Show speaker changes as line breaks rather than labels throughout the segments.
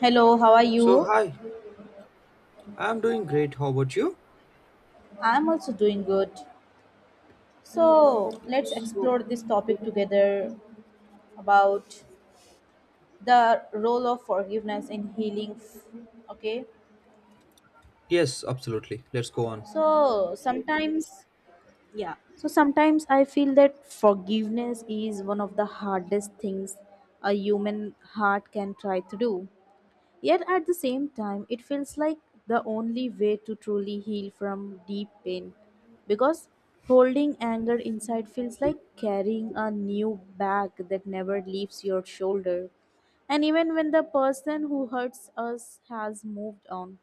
Hello, how are
So,
you?
hi, I'm doing great. How about you?
I'm also doing good. So, let's
So,
explore this topic together about the role of forgiveness in healing. Okay?
yes, absolutely. Let's go on.
So, sometimes, yeah. So, sometimes I feel that forgiveness is one of the hardest things a human heart can try to do. Yet at the same time, it feels like the only way to truly heal from deep pain, because holding anger inside feels like carrying a new bag that never leaves your shoulder. And even when the person who hurts us has moved on,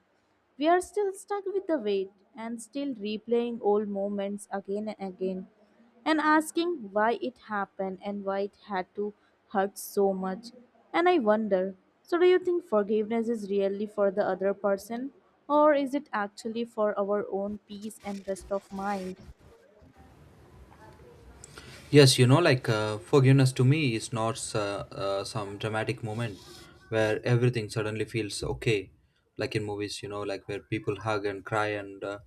we are still stuck with the wait, and still replaying old moments again and again, and asking why it happened and why it had to hurt so much. And I wonder, so, do you think forgiveness is really for the other person, or is it actually for our own peace and rest of mind?
Yes, you know, like forgiveness to me is not some dramatic moment where everything suddenly feels okay, like in movies, you know, like where people hug and cry and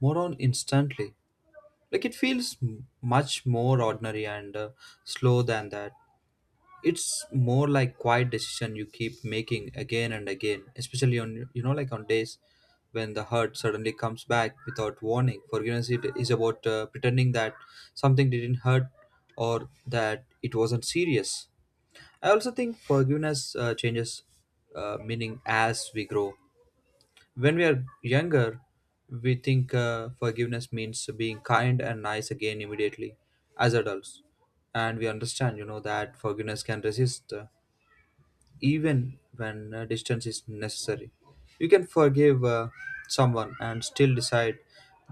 more on instantly. Like it feels much more ordinary and slow than that. It's more like quiet decision you keep making again and again, especially on, you know, like on days when the hurt suddenly comes back without warning. Forgiveness, it is about pretending that something didn't hurt or that it wasn't serious. I also think forgiveness changes meaning as we grow. When we are younger, we think forgiveness means being kind and nice again immediately. As adults, and we understand, you know, that forgiveness can resist even when distance is necessary. You can forgive someone and still decide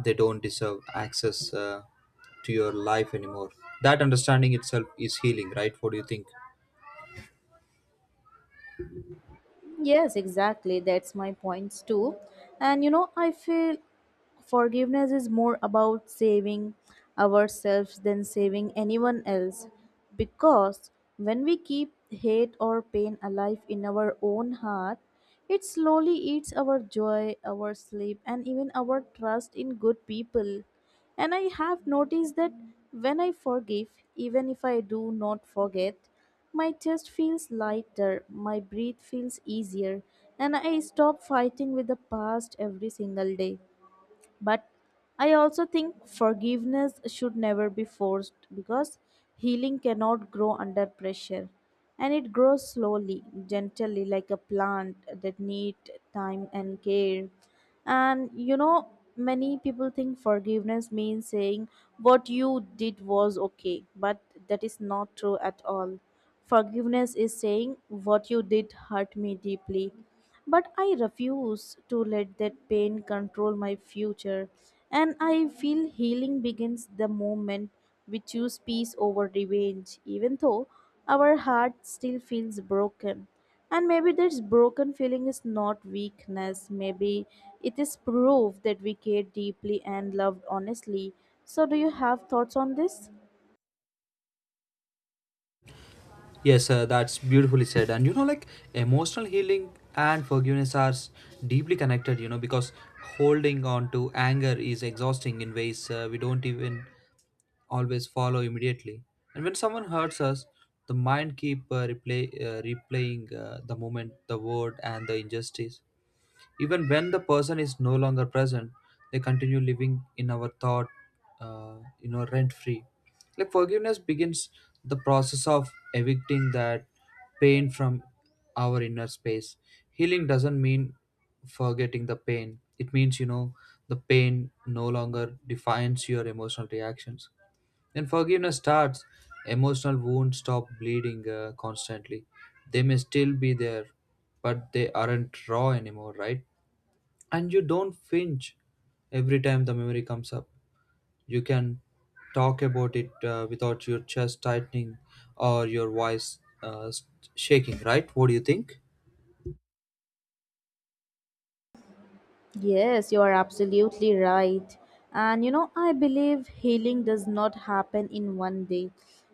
they don't deserve access to your life anymore. That understanding itself is healing, right? What do you think?
Yes, exactly. That's my points too. And you know, I feel forgiveness is more about saving ourselves than saving anyone else. Because when we keep hate or pain alive in our own heart, it slowly eats our joy, our sleep, and even our trust in good people. And I have noticed that when I forgive, even if I do not forget, my chest feels lighter, my breath feels easier, and I stop fighting with the past every single day. But I also think forgiveness should never be forced, because healing cannot grow under pressure, and it grows slowly, gently, like a plant that need time and care. And you know, many people think forgiveness means saying what you did was okay, but that is not true at all. Forgiveness is saying what you did hurt me deeply, but I refuse to let that pain control my future. And I feel healing begins the moment we choose peace over revenge, even though our heart still feels broken. And maybe this broken feeling is not weakness, maybe it is proof that we care deeply and loved honestly. So, do you have thoughts on this?
Yes, that's beautifully said. And you know, like emotional healing and forgiveness are deeply connected, you know, because holding on to anger is exhausting in ways we don't even always follow immediately. And when someone hurts us, the mind keep replaying the moment, the word, and the injustice. Even when the person is no longer present, they continue living in our thought, you know, rent free. Like forgiveness begins the process of evicting that pain from our inner space. Healing doesn't mean forgetting the pain. It means, you know, the pain no longer defines your emotional reactions, then forgiveness starts. Emotional wounds stop bleeding constantly. They may still be there, but they aren't raw anymore, right? And you don't flinch every time the memory comes up. You can talk about it without your chest tightening or your voice shaking, right? What do you think?
Yes, you are absolutely right. And you know, I believe healing does not happen in one day.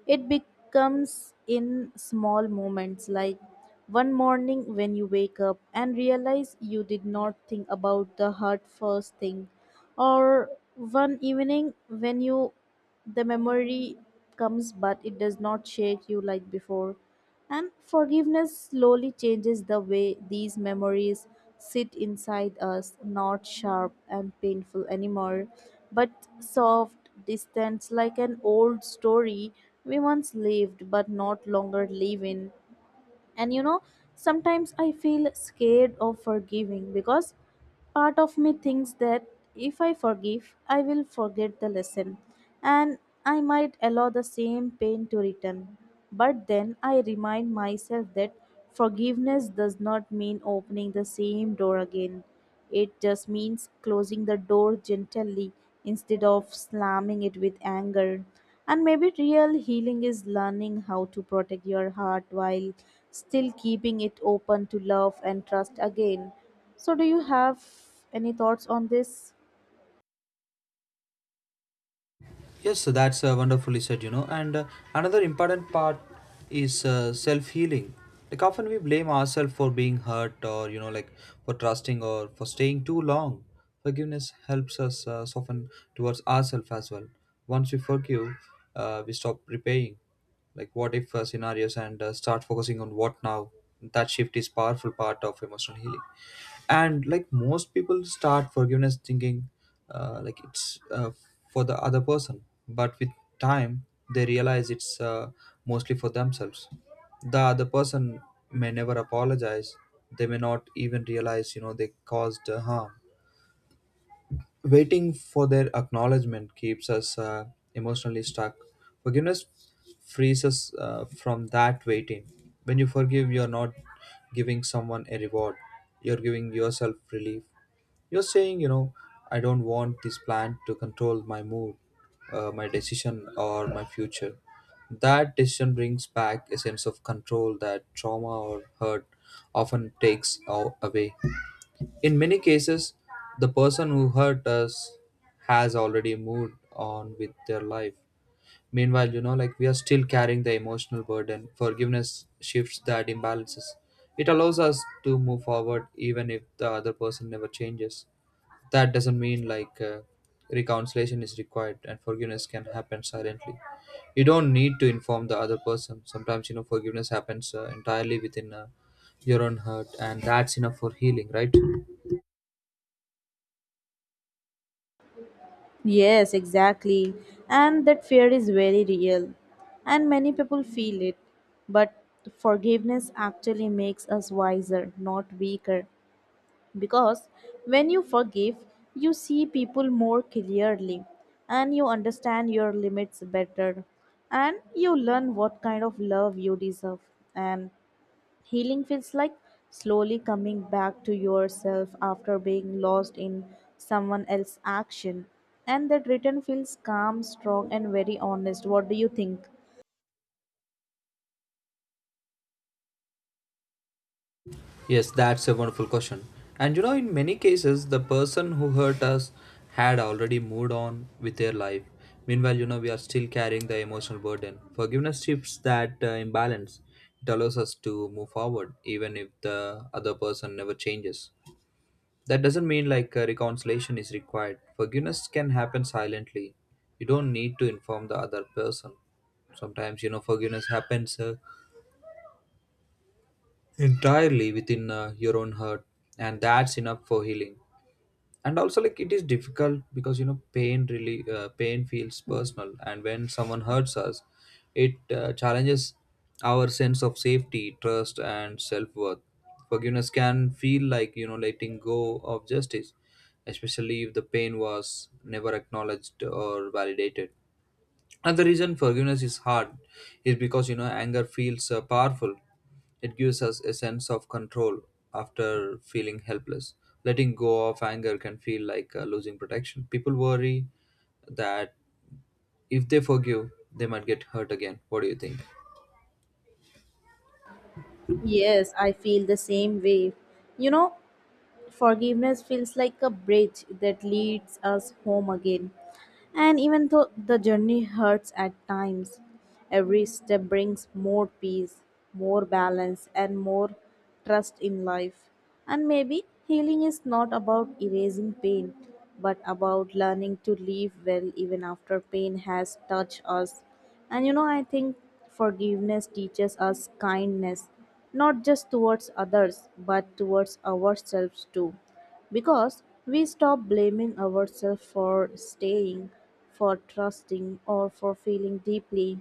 It becomes in small moments, like one morning when you wake up and realize you did not think about the hurt first thing, or one evening when you the memory comes but it does not shake you like before, and forgiveness slowly changes the way these memories sit inside us, not sharp and painful anymore, but soft, distant, like an old story we once lived but not longer live in. And you know, sometimes I feel scared of forgiving because part of me thinks that if I forgive, I will forget the lesson, and I might allow the same pain to return. But then I remind myself that forgiveness does not mean opening the same door again. It just means closing the door gently instead of slamming it with anger. And maybe real healing is learning how to protect your heart while still keeping it open to love and trust again. So, do you have any thoughts on this?
Yes, that's wonderfully said, you know. And another important part is self healing. Like, often we blame ourselves for being hurt or, you know, like for trusting or for staying too long. Forgiveness helps us soften towards ourselves as well. Once we forgive, we stop repaying like what if scenarios and start focusing on what now. That shift is powerful part of emotional healing. And like most people start forgiveness thinking like it's for the other person, but with time they realize it's mostly for themselves. The other person may never apologize. They may not even realize, you know, they caused harm. Waiting for their acknowledgement keeps us emotionally stuck. Forgiveness frees us from that waiting. When you forgive, you're not giving someone a reward, you're giving yourself relief. You're saying, you know, I don't want this plan to control my mood, my decision, or my future. That decision brings back a sense of control that trauma or hurt often takes away. In many cases, the person who hurt us has already moved on with their life. Meanwhile, you know, like we are still carrying the emotional burden. Forgiveness shifts that imbalances. It allows us to move forward even if the other person never changes. That doesn't mean like reconciliation is required and forgiveness can happen silently. You don't need to inform the other person. Sometimes, you know, forgiveness happens entirely within your own heart, and that's enough for healing, right?
Yes, exactly. And that fear is very real. And many people feel it. But forgiveness actually makes us wiser, not weaker, because when you forgive you see people more clearly, and you understand your limits better, and you learn what kind of love you deserve, and healing feels like slowly coming back to yourself after being lost in someone else's action, and that return feels calm, strong, and very honest. What do you think?
Yes, that's a wonderful question. And you know, in many cases, the person who hurt us had already moved on with their life. Meanwhile, you know, we are still carrying the emotional burden. Forgiveness shifts that imbalance. It allows us to move forward, even if the other person never changes. That doesn't mean like reconciliation is required. Forgiveness can happen silently. You don't need to inform the other person. Sometimes, you know, forgiveness happens entirely within your own heart, and that's enough for healing. And also, like it is difficult, because you know pain really pain feels personal, and when someone hurts us, it challenges our sense of safety, trust and self-worth. Forgiveness can feel like, you know, letting go of justice, especially if the pain was never acknowledged or validated. And the reason forgiveness is hard is because, you know, anger feels powerful. It gives us a sense of control after feeling helpless. Letting go of anger can feel like losing protection. People worry that if they forgive, they might get hurt again. What do you think?
Yes, I feel the same way. You know, forgiveness feels like a bridge that leads us home again. And even though the journey hurts at times, every step brings more peace, more balance, and more trust in life. And maybe healing is not about erasing pain, but about learning to live well even after pain has touched us. And you know, I think forgiveness teaches us kindness, not just towards others but towards ourselves too, because we stop blaming ourselves for staying, for trusting or for feeling deeply,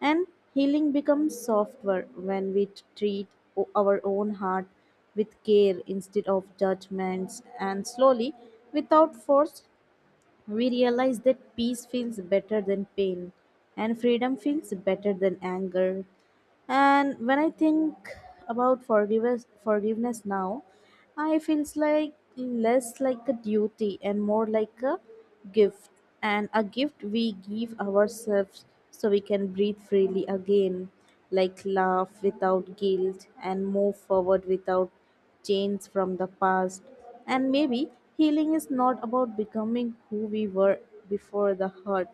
and healing becomes softer when we treat our own heart with care instead of judgments, and slowly, without force, we realize that peace feels better than pain, and freedom feels better than anger. And when I think about forgiveness now, I feels like less like a duty and more like a gift, and a gift we give ourselves so we can breathe freely again, like laugh without guilt and move forward without chains from the past. And maybe healing is not about becoming who we were before the hurt,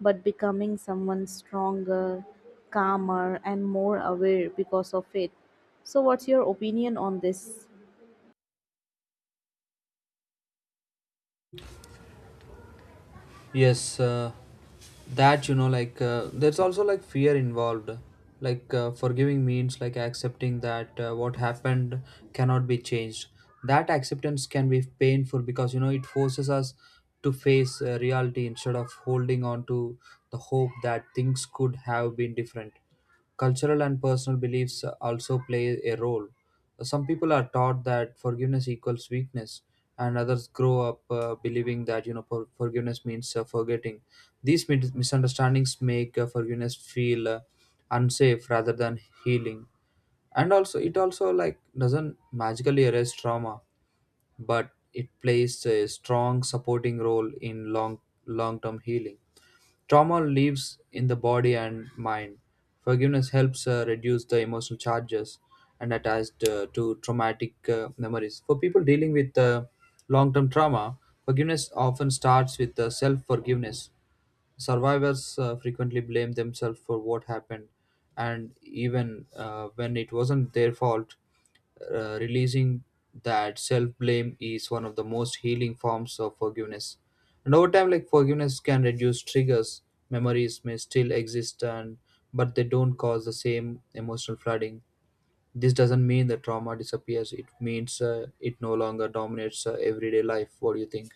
but becoming someone stronger, calmer, and more aware because of it. So, what's your opinion on this?
Yes, that you know, like there's also like fear involved. Like forgiving means like accepting that what happened cannot be changed. That acceptance can be painful, because you know it forces us to face reality instead of holding on to the hope that things could have been different. Cultural and personal beliefs also play a role. Some people are taught that forgiveness equals weakness, and others grow up believing that, you know, forgiveness means forgetting. These misunderstandings make forgiveness feel unsafe rather than healing. And also, it also like doesn't magically erase trauma, but it plays a strong supporting role in long long term healing. Trauma lives in the body and mind. Forgiveness helps reduce the emotional charges and attached to traumatic memories. For people dealing with long term trauma, forgiveness often starts with self forgiveness. Survivors frequently blame themselves for what happened, and even when it wasn't their fault, releasing that self blame is one of the most healing forms of forgiveness. And over time, like forgiveness can reduce triggers, memories may still exist, and but they don't cause the same emotional flooding. This doesn't mean the trauma disappears. It means it no longer dominates everyday life. What do you think?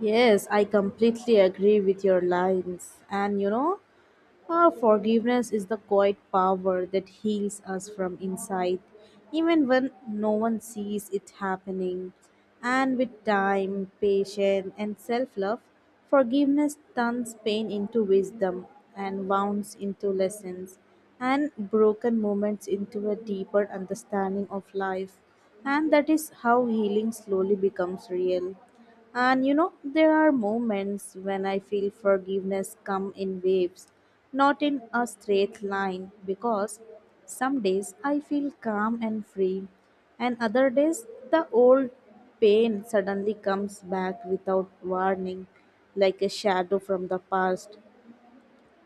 Yes, I completely agree with your lines. And you know, our forgiveness is the quiet power that heals us from inside, even when no one sees it happening. And with time, patience, and self love, forgiveness turns pain into wisdom, and wounds into lessons, and broken moments into a deeper understanding of life. And that is how healing slowly becomes real. And you know, there are moments when I feel forgiveness come in waves, not in a straight line, because some days I feel calm and free, and other days the old pain suddenly comes back without warning, like a shadow from the past.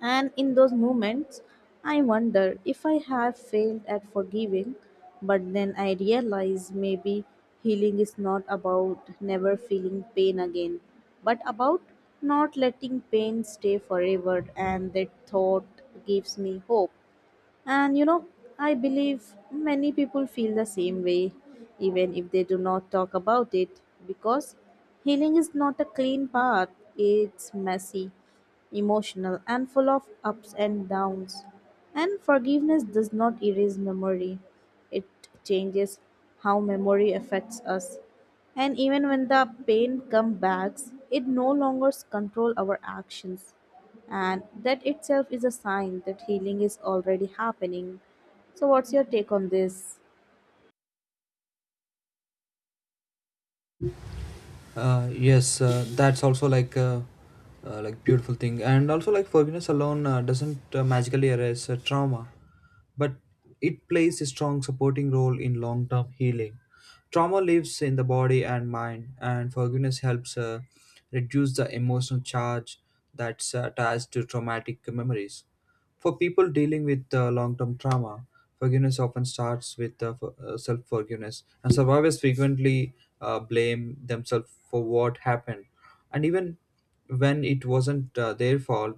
And in those moments, I wonder if I have failed at forgiving, but then I realize maybe healing is not about never feeling pain again, but about not letting pain stay forever, and that thought gives me hope. And you know, I believe many people feel the same way, even if they do not talk about it, because healing is not a clean path, it's messy, emotional, and full of ups and downs. And forgiveness does not erase memory, it changes how memory affects us. And even when the pain comes back, it no longer controls our actions, and that itself is a sign that healing is already happening. So what's your take on this?
Yes, that's also like a like beautiful thing, and also like forgiveness alone doesn't magically erase trauma, but it plays a strong supporting role in long term healing. Trauma lives in the body and mind, and forgiveness helps reduce the emotional charge that's attached to traumatic memories. For people dealing with long term trauma, forgiveness often starts with self forgiveness, and survivors frequently blame themselves for what happened, and even when it wasn't their fault,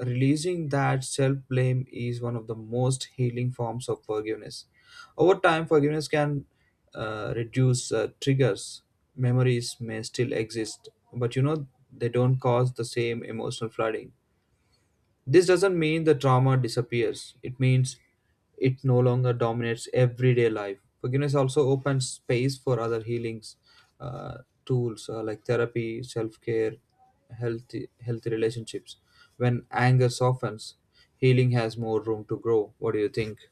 releasing that self-blame is one of the most healing forms of forgiveness. Over time, forgiveness can reduce triggers. Memories may still exist, but you know they don't cause the same emotional flooding. This doesn't mean the trauma disappears, it means it no longer dominates everyday life. Forgiveness also opens space for other healings, uh, tools like therapy, self care, healthy relationships. When anger softens, healing has more room to grow. What do you think?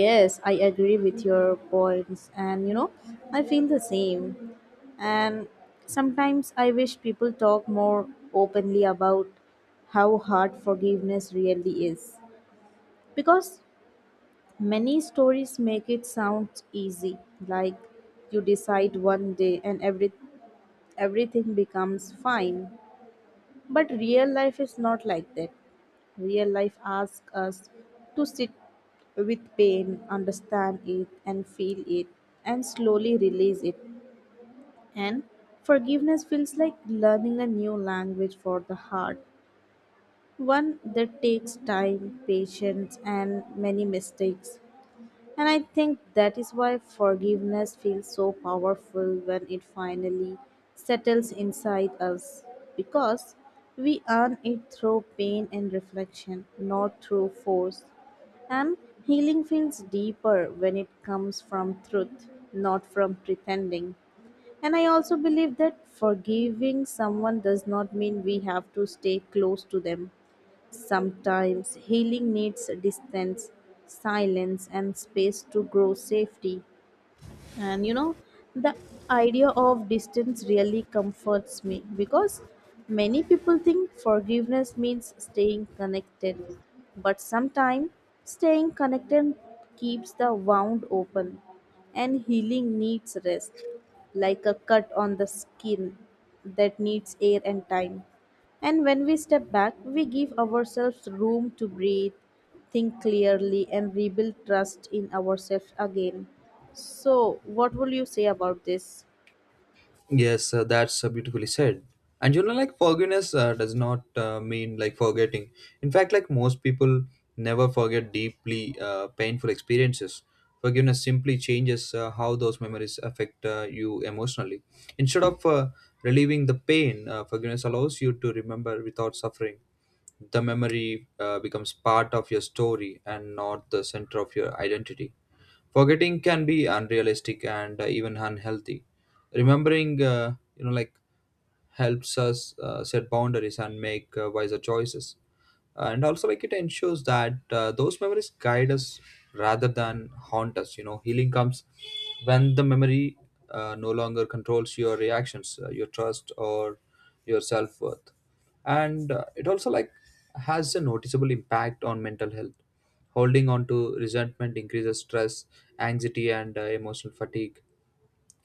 Yes, I agree with your points. And you know, I feel the same, and sometimes I wish people talk more openly about how hard forgiveness really is, because many stories make it sound easy, like you decide one day and everything becomes fine. But real life is not like that. Real life asks us to sit with pain, understand it, and feel it, and slowly release it. And forgiveness feels like learning a new language for the heart, one that takes time, patience, and many mistakes. And I think that is why forgiveness feels so powerful when it finally settles inside us, because we earn it through pain and reflection, not through force. And healing feels deeper when it comes from truth, not from pretending. And I also believe that forgiving someone does not mean we have to stay close to them. Sometimes healing needs distance, silence, and space to grow safety. And you know, the idea of distance really comforts me because many people think forgiveness means staying connected, but sometimes staying connected keeps the wound open, and healing needs rest, like a cut on the skin that needs air and time. And when we step back, we give ourselves room to breathe, think clearly, and rebuild trust in ourselves again. So, what will you say about this?
Yes, that's beautifully said. And you know, like forgiveness does not mean like forgetting. In fact, like most people never forget deeply painful experiences. Forgiveness simply changes how those memories affect you emotionally. Instead of relieving the pain, forgiveness allows you to remember without suffering. The memory becomes part of your story and not the center of your identity. Forgetting can be unrealistic and even unhealthy. Remembering, you know, like helps us set boundaries and make wiser choices, and also like it ensures that those memories guide us rather than haunt us, you know. Healing comes when the memory no longer controls your reactions, your trust or your self-worth. And it also like has a noticeable impact on mental health. Holding on to resentment increases stress, anxiety and emotional fatigue.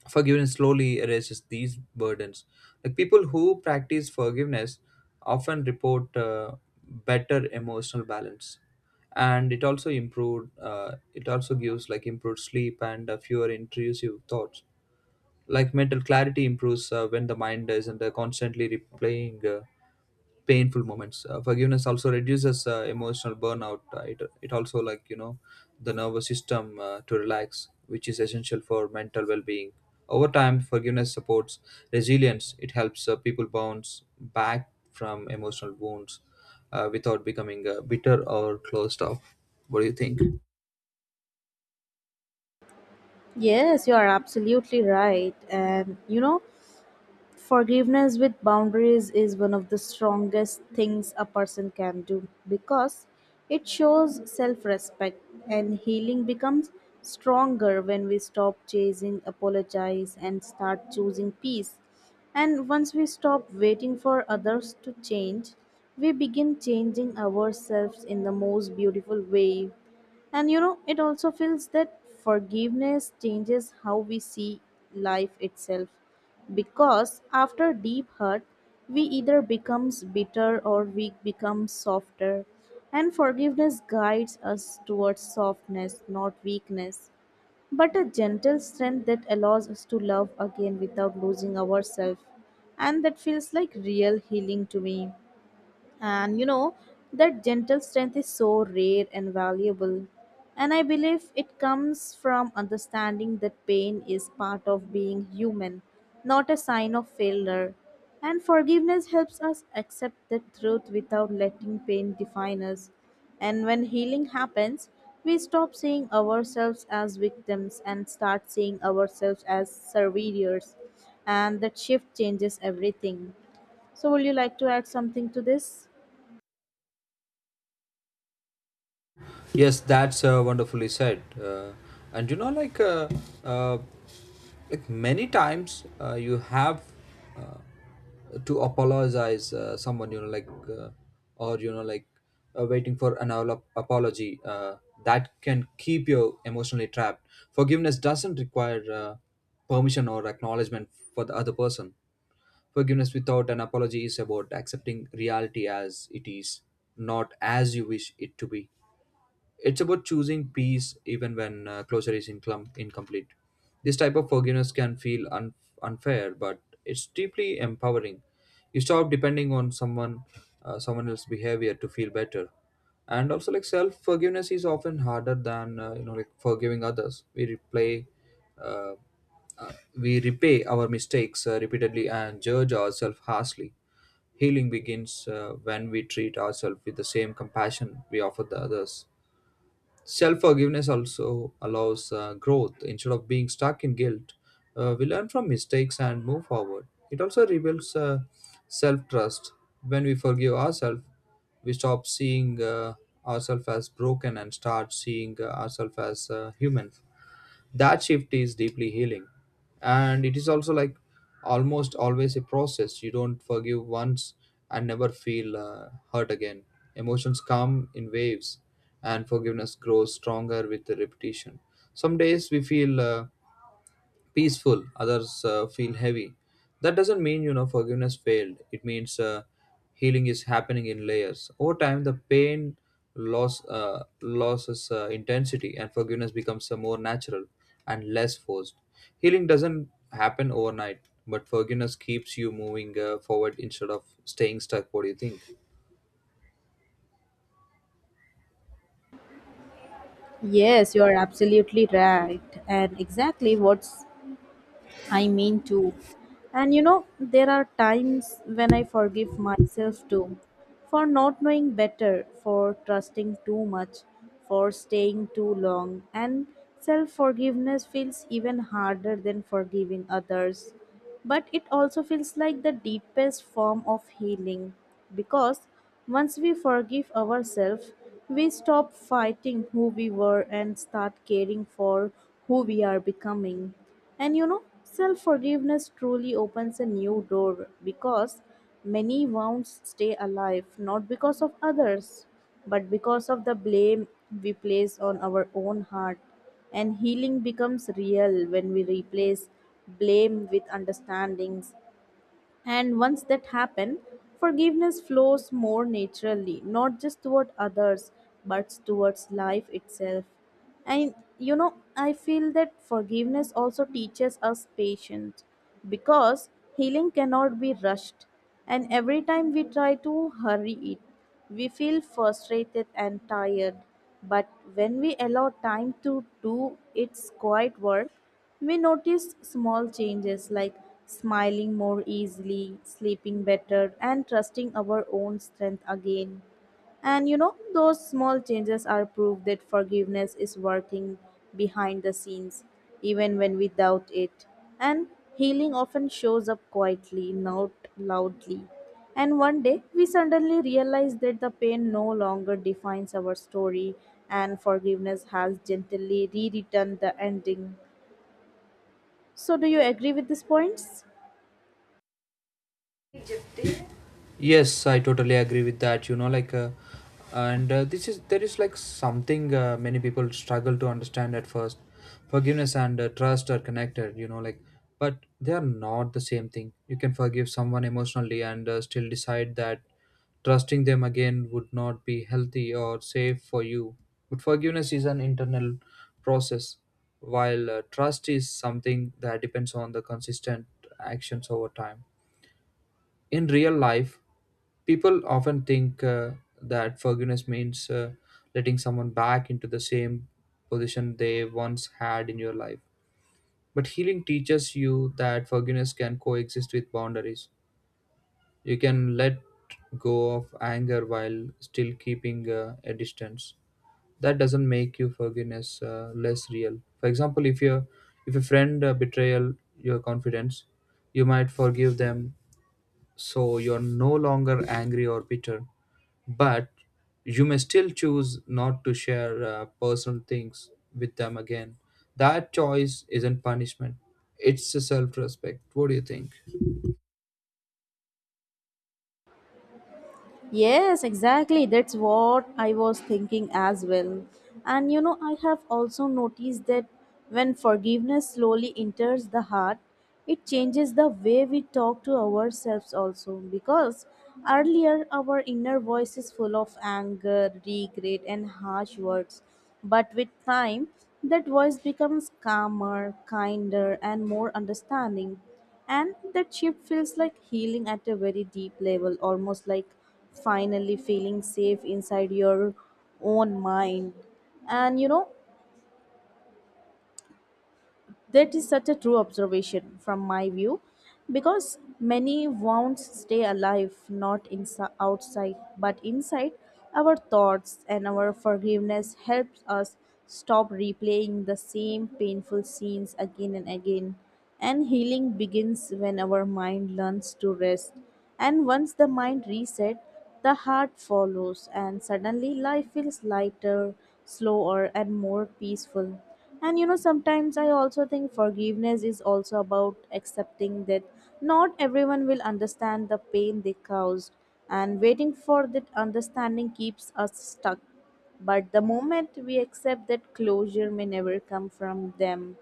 Forgiveness slowly erases these burdens. Like people who practice forgiveness often report better emotional balance, and it also improved. It also gives like improved sleep and fewer intrusive thoughts. Like mental clarity improves when the mind isn't constantly replaying. Painful moments. Forgiveness also reduces emotional burnout. It also like, you know, the nervous system to relax, which is essential for mental well-being. Over time, forgiveness supports resilience. It helps people bounce back from emotional wounds without becoming bitter or closed off. What do you think?
Yes, you are absolutely right. And you know, forgiveness with boundaries is one of the strongest things a person can do, because it shows self respect, and healing becomes stronger when we stop chasing apologize and start choosing peace. And once we stop waiting for others to change, we begin changing ourselves in the most beautiful way. And you know, it also feels that forgiveness changes how we see life itself. Because after deep hurt, we either becomes bitter or we become softer. And forgiveness guides us towards softness, not weakness but a gentle strength that allows us to love again without losing ourselves. And that feels like real healing to me. And you know, that gentle strength is so rare and valuable. And I believe it comes from understanding that pain is part of being human, not a sign of failure. And forgiveness helps us accept the truth without letting pain define us. And when healing happens, we stop seeing ourselves as victims and start seeing ourselves as surveyors. And that shift changes everything. So, would you like to add something to this?
Yes That's wonderfully said. And you know, like uh, like many times, you have uh, to apologize someone, you know, or you know, waiting for an apology. That can keep you emotionally trapped. Forgiveness doesn't require permission or acknowledgement for the other person. Forgiveness without an apology is about accepting reality as it is, not as you wish it to be. It's about choosing peace even when closure is incomplete. This type of forgiveness can feel unfair, but it's deeply empowering. You stop depending on someone else's behavior to feel better. And also, like self forgiveness is often harder than like forgiving others. Uh, uh, we repay our mistakes repeatedly and judge ourselves harshly. Healing begins when we treat ourselves with the same compassion we offer the others. Self forgiveness also allows growth. Instead of being stuck in guilt, we learn from mistakes and move forward. It also rebuilds self trust. When we forgive ourselves, we stop seeing ourselves as broken and start seeing ourselves as human. That shift is deeply healing, and it is also like almost always a process. You don't forgive once and never feel hurt again. Emotions come in waves, and forgiveness grows stronger with the repetition. Some days we feel peaceful, others feel heavy. That doesn't mean forgiveness failed. It means healing is happening in layers. Over time the pain loss loses intensity, and forgiveness becomes more natural and less forced. Healing doesn't happen overnight, but forgiveness keeps you moving forward instead of staying stuck. What do you think?
Yes, you are absolutely right. And exactly what's I mean too. And you know, there are times when I forgive myself too, for not knowing better, for trusting too much, for staying too long. And self forgiveness feels even harder than forgiving others. But it also feels like the deepest form of healing, because once we forgive ourselves, we stop fighting who we were and start caring for who we are becoming. And you know, self forgiveness truly opens a new door because many wounds stay alive not because of others, but because of the blame we place on our own heart. And healing becomes real when we replace blame with understandings, and once that happens, forgiveness flows more naturally, not just toward others, but towards life itself. And you know, I feel that forgiveness also teaches us patience because healing cannot be rushed. And every time we try to hurry it, we feel frustrated and tired. But when we allow time to do its quiet work, we notice small changes like smiling more easily, sleeping better, and trusting our own strength again. And you know, those small changes are proof that forgiveness is working behind the scenes, even when we doubt it. And healing often shows up quietly, not loudly. And one day, we suddenly realize that the pain no longer defines our story, and forgiveness has gently rewritten the ending. So, do you agree with these points?
Rejected. Yes, I totally agree with that. You know, like, and This is there is like something, many people struggle to understand at first. Forgiveness and trust are connected, you know, like, but they are not the same thing. You can forgive someone emotionally and still decide that trusting them again would not be healthy or safe for you. But forgiveness is an internal process, while trust is something that depends on the consistent actions over time. In real life, people often think that forgiveness means letting someone back into the same position they once had in your life. But healing teaches you that forgiveness can coexist with boundaries. You can let go of anger while still keeping a distance. That doesn't make you forgiveness less real. For example, if a friend betrayal your confidence, you might forgive them, so you're no longer angry or bitter, but you may still choose not to share personal things with them again. That choice isn't punishment, it's a self respect. What do you think?
Yes, exactly. That's what I was thinking as well. And you know, I have also noticed that when forgiveness slowly enters the heart, it changes the way we talk to ourselves also. Because earlier our inner voice is full of anger, regret, and harsh words. But with time, that voice becomes calmer, kinder, and more understanding. And that shift feels like healing at a very deep level, almost like finally feeling safe inside your own mind. And you know, that is such a true observation from my view, because many won't stay alive not inside outside but inside our thoughts, and our forgiveness helps us stop replaying the same painful scenes again and again, and healing begins when our mind learns to rest. And once the mind resets, the heart follows, and suddenly life feels lighter, slower, and more peaceful. And you know, sometimes I also think forgiveness is also about accepting that not everyone will understand the pain they caused, and waiting for that understanding keeps us stuck, but the moment we accept that closure may never come from them,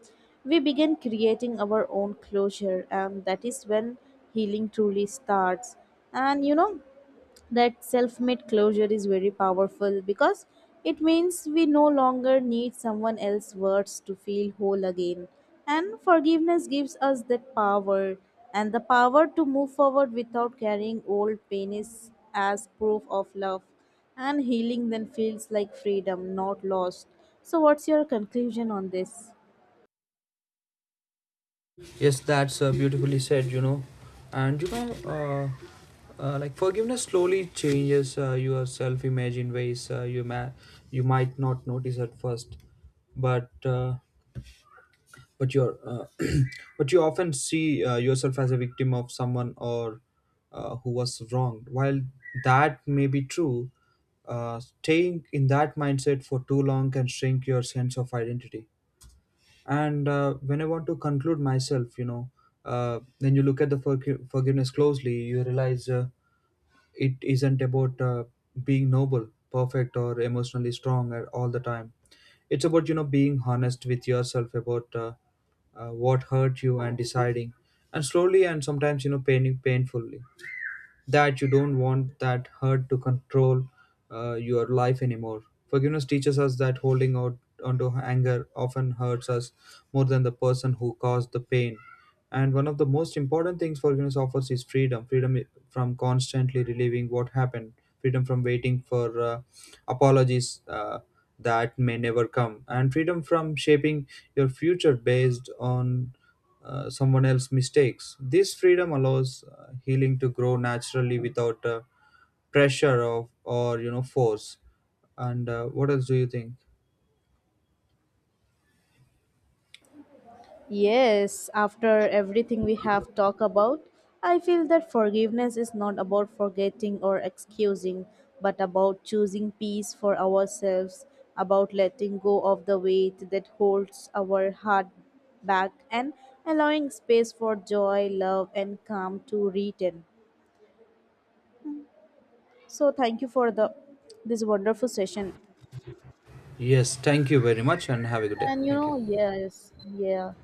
we begin creating our own closure, and that is when healing truly starts. And you know, that self-made closure is very powerful because it means we no longer need someone else's words to feel whole again, and forgiveness gives us that power, and the power to move forward without carrying old pain is as proof of love, and healing then feels like freedom not lost. So what's your conclusion on this?
Yes, that's beautifully said, you know. And you know, like forgiveness slowly changes your self image in ways you, you might not notice at first. But uh, but you're but you often see yourself as a victim of someone, or who was wronged. While that may be true, staying in that mindset for too long can shrink your sense of identity. And when I want to conclude myself, you know, when you look at the forgiveness closely, you realize it isn't about being noble, perfect, or emotionally strong at all the time. It's about, you know, being honest with yourself about what hurt you, and deciding, and slowly, and sometimes, you know, paining painfully, that you don't want that hurt to control your life anymore. Forgiveness teaches us that holding out onto anger often hurts us more than the person who caused the pain. And one of the most important things forgiveness offers is freedom, from constantly reliving what happened, freedom from waiting for apologies that may never come, and freedom from shaping your future based on someone else's mistakes. This freedom allows healing to grow naturally without pressure of, or force. And what else do you think?
Yes, after everything we have talked about, I feel that forgiveness is not about forgetting or excusing, but about choosing peace for ourselves, about letting go of the weight that holds our heart back, and allowing space for joy, love, and calm to return. So, thank you for the this wonderful session.
Yes, thank you very much, and have a good day.
And you
Thank you.
know, yes, yeah.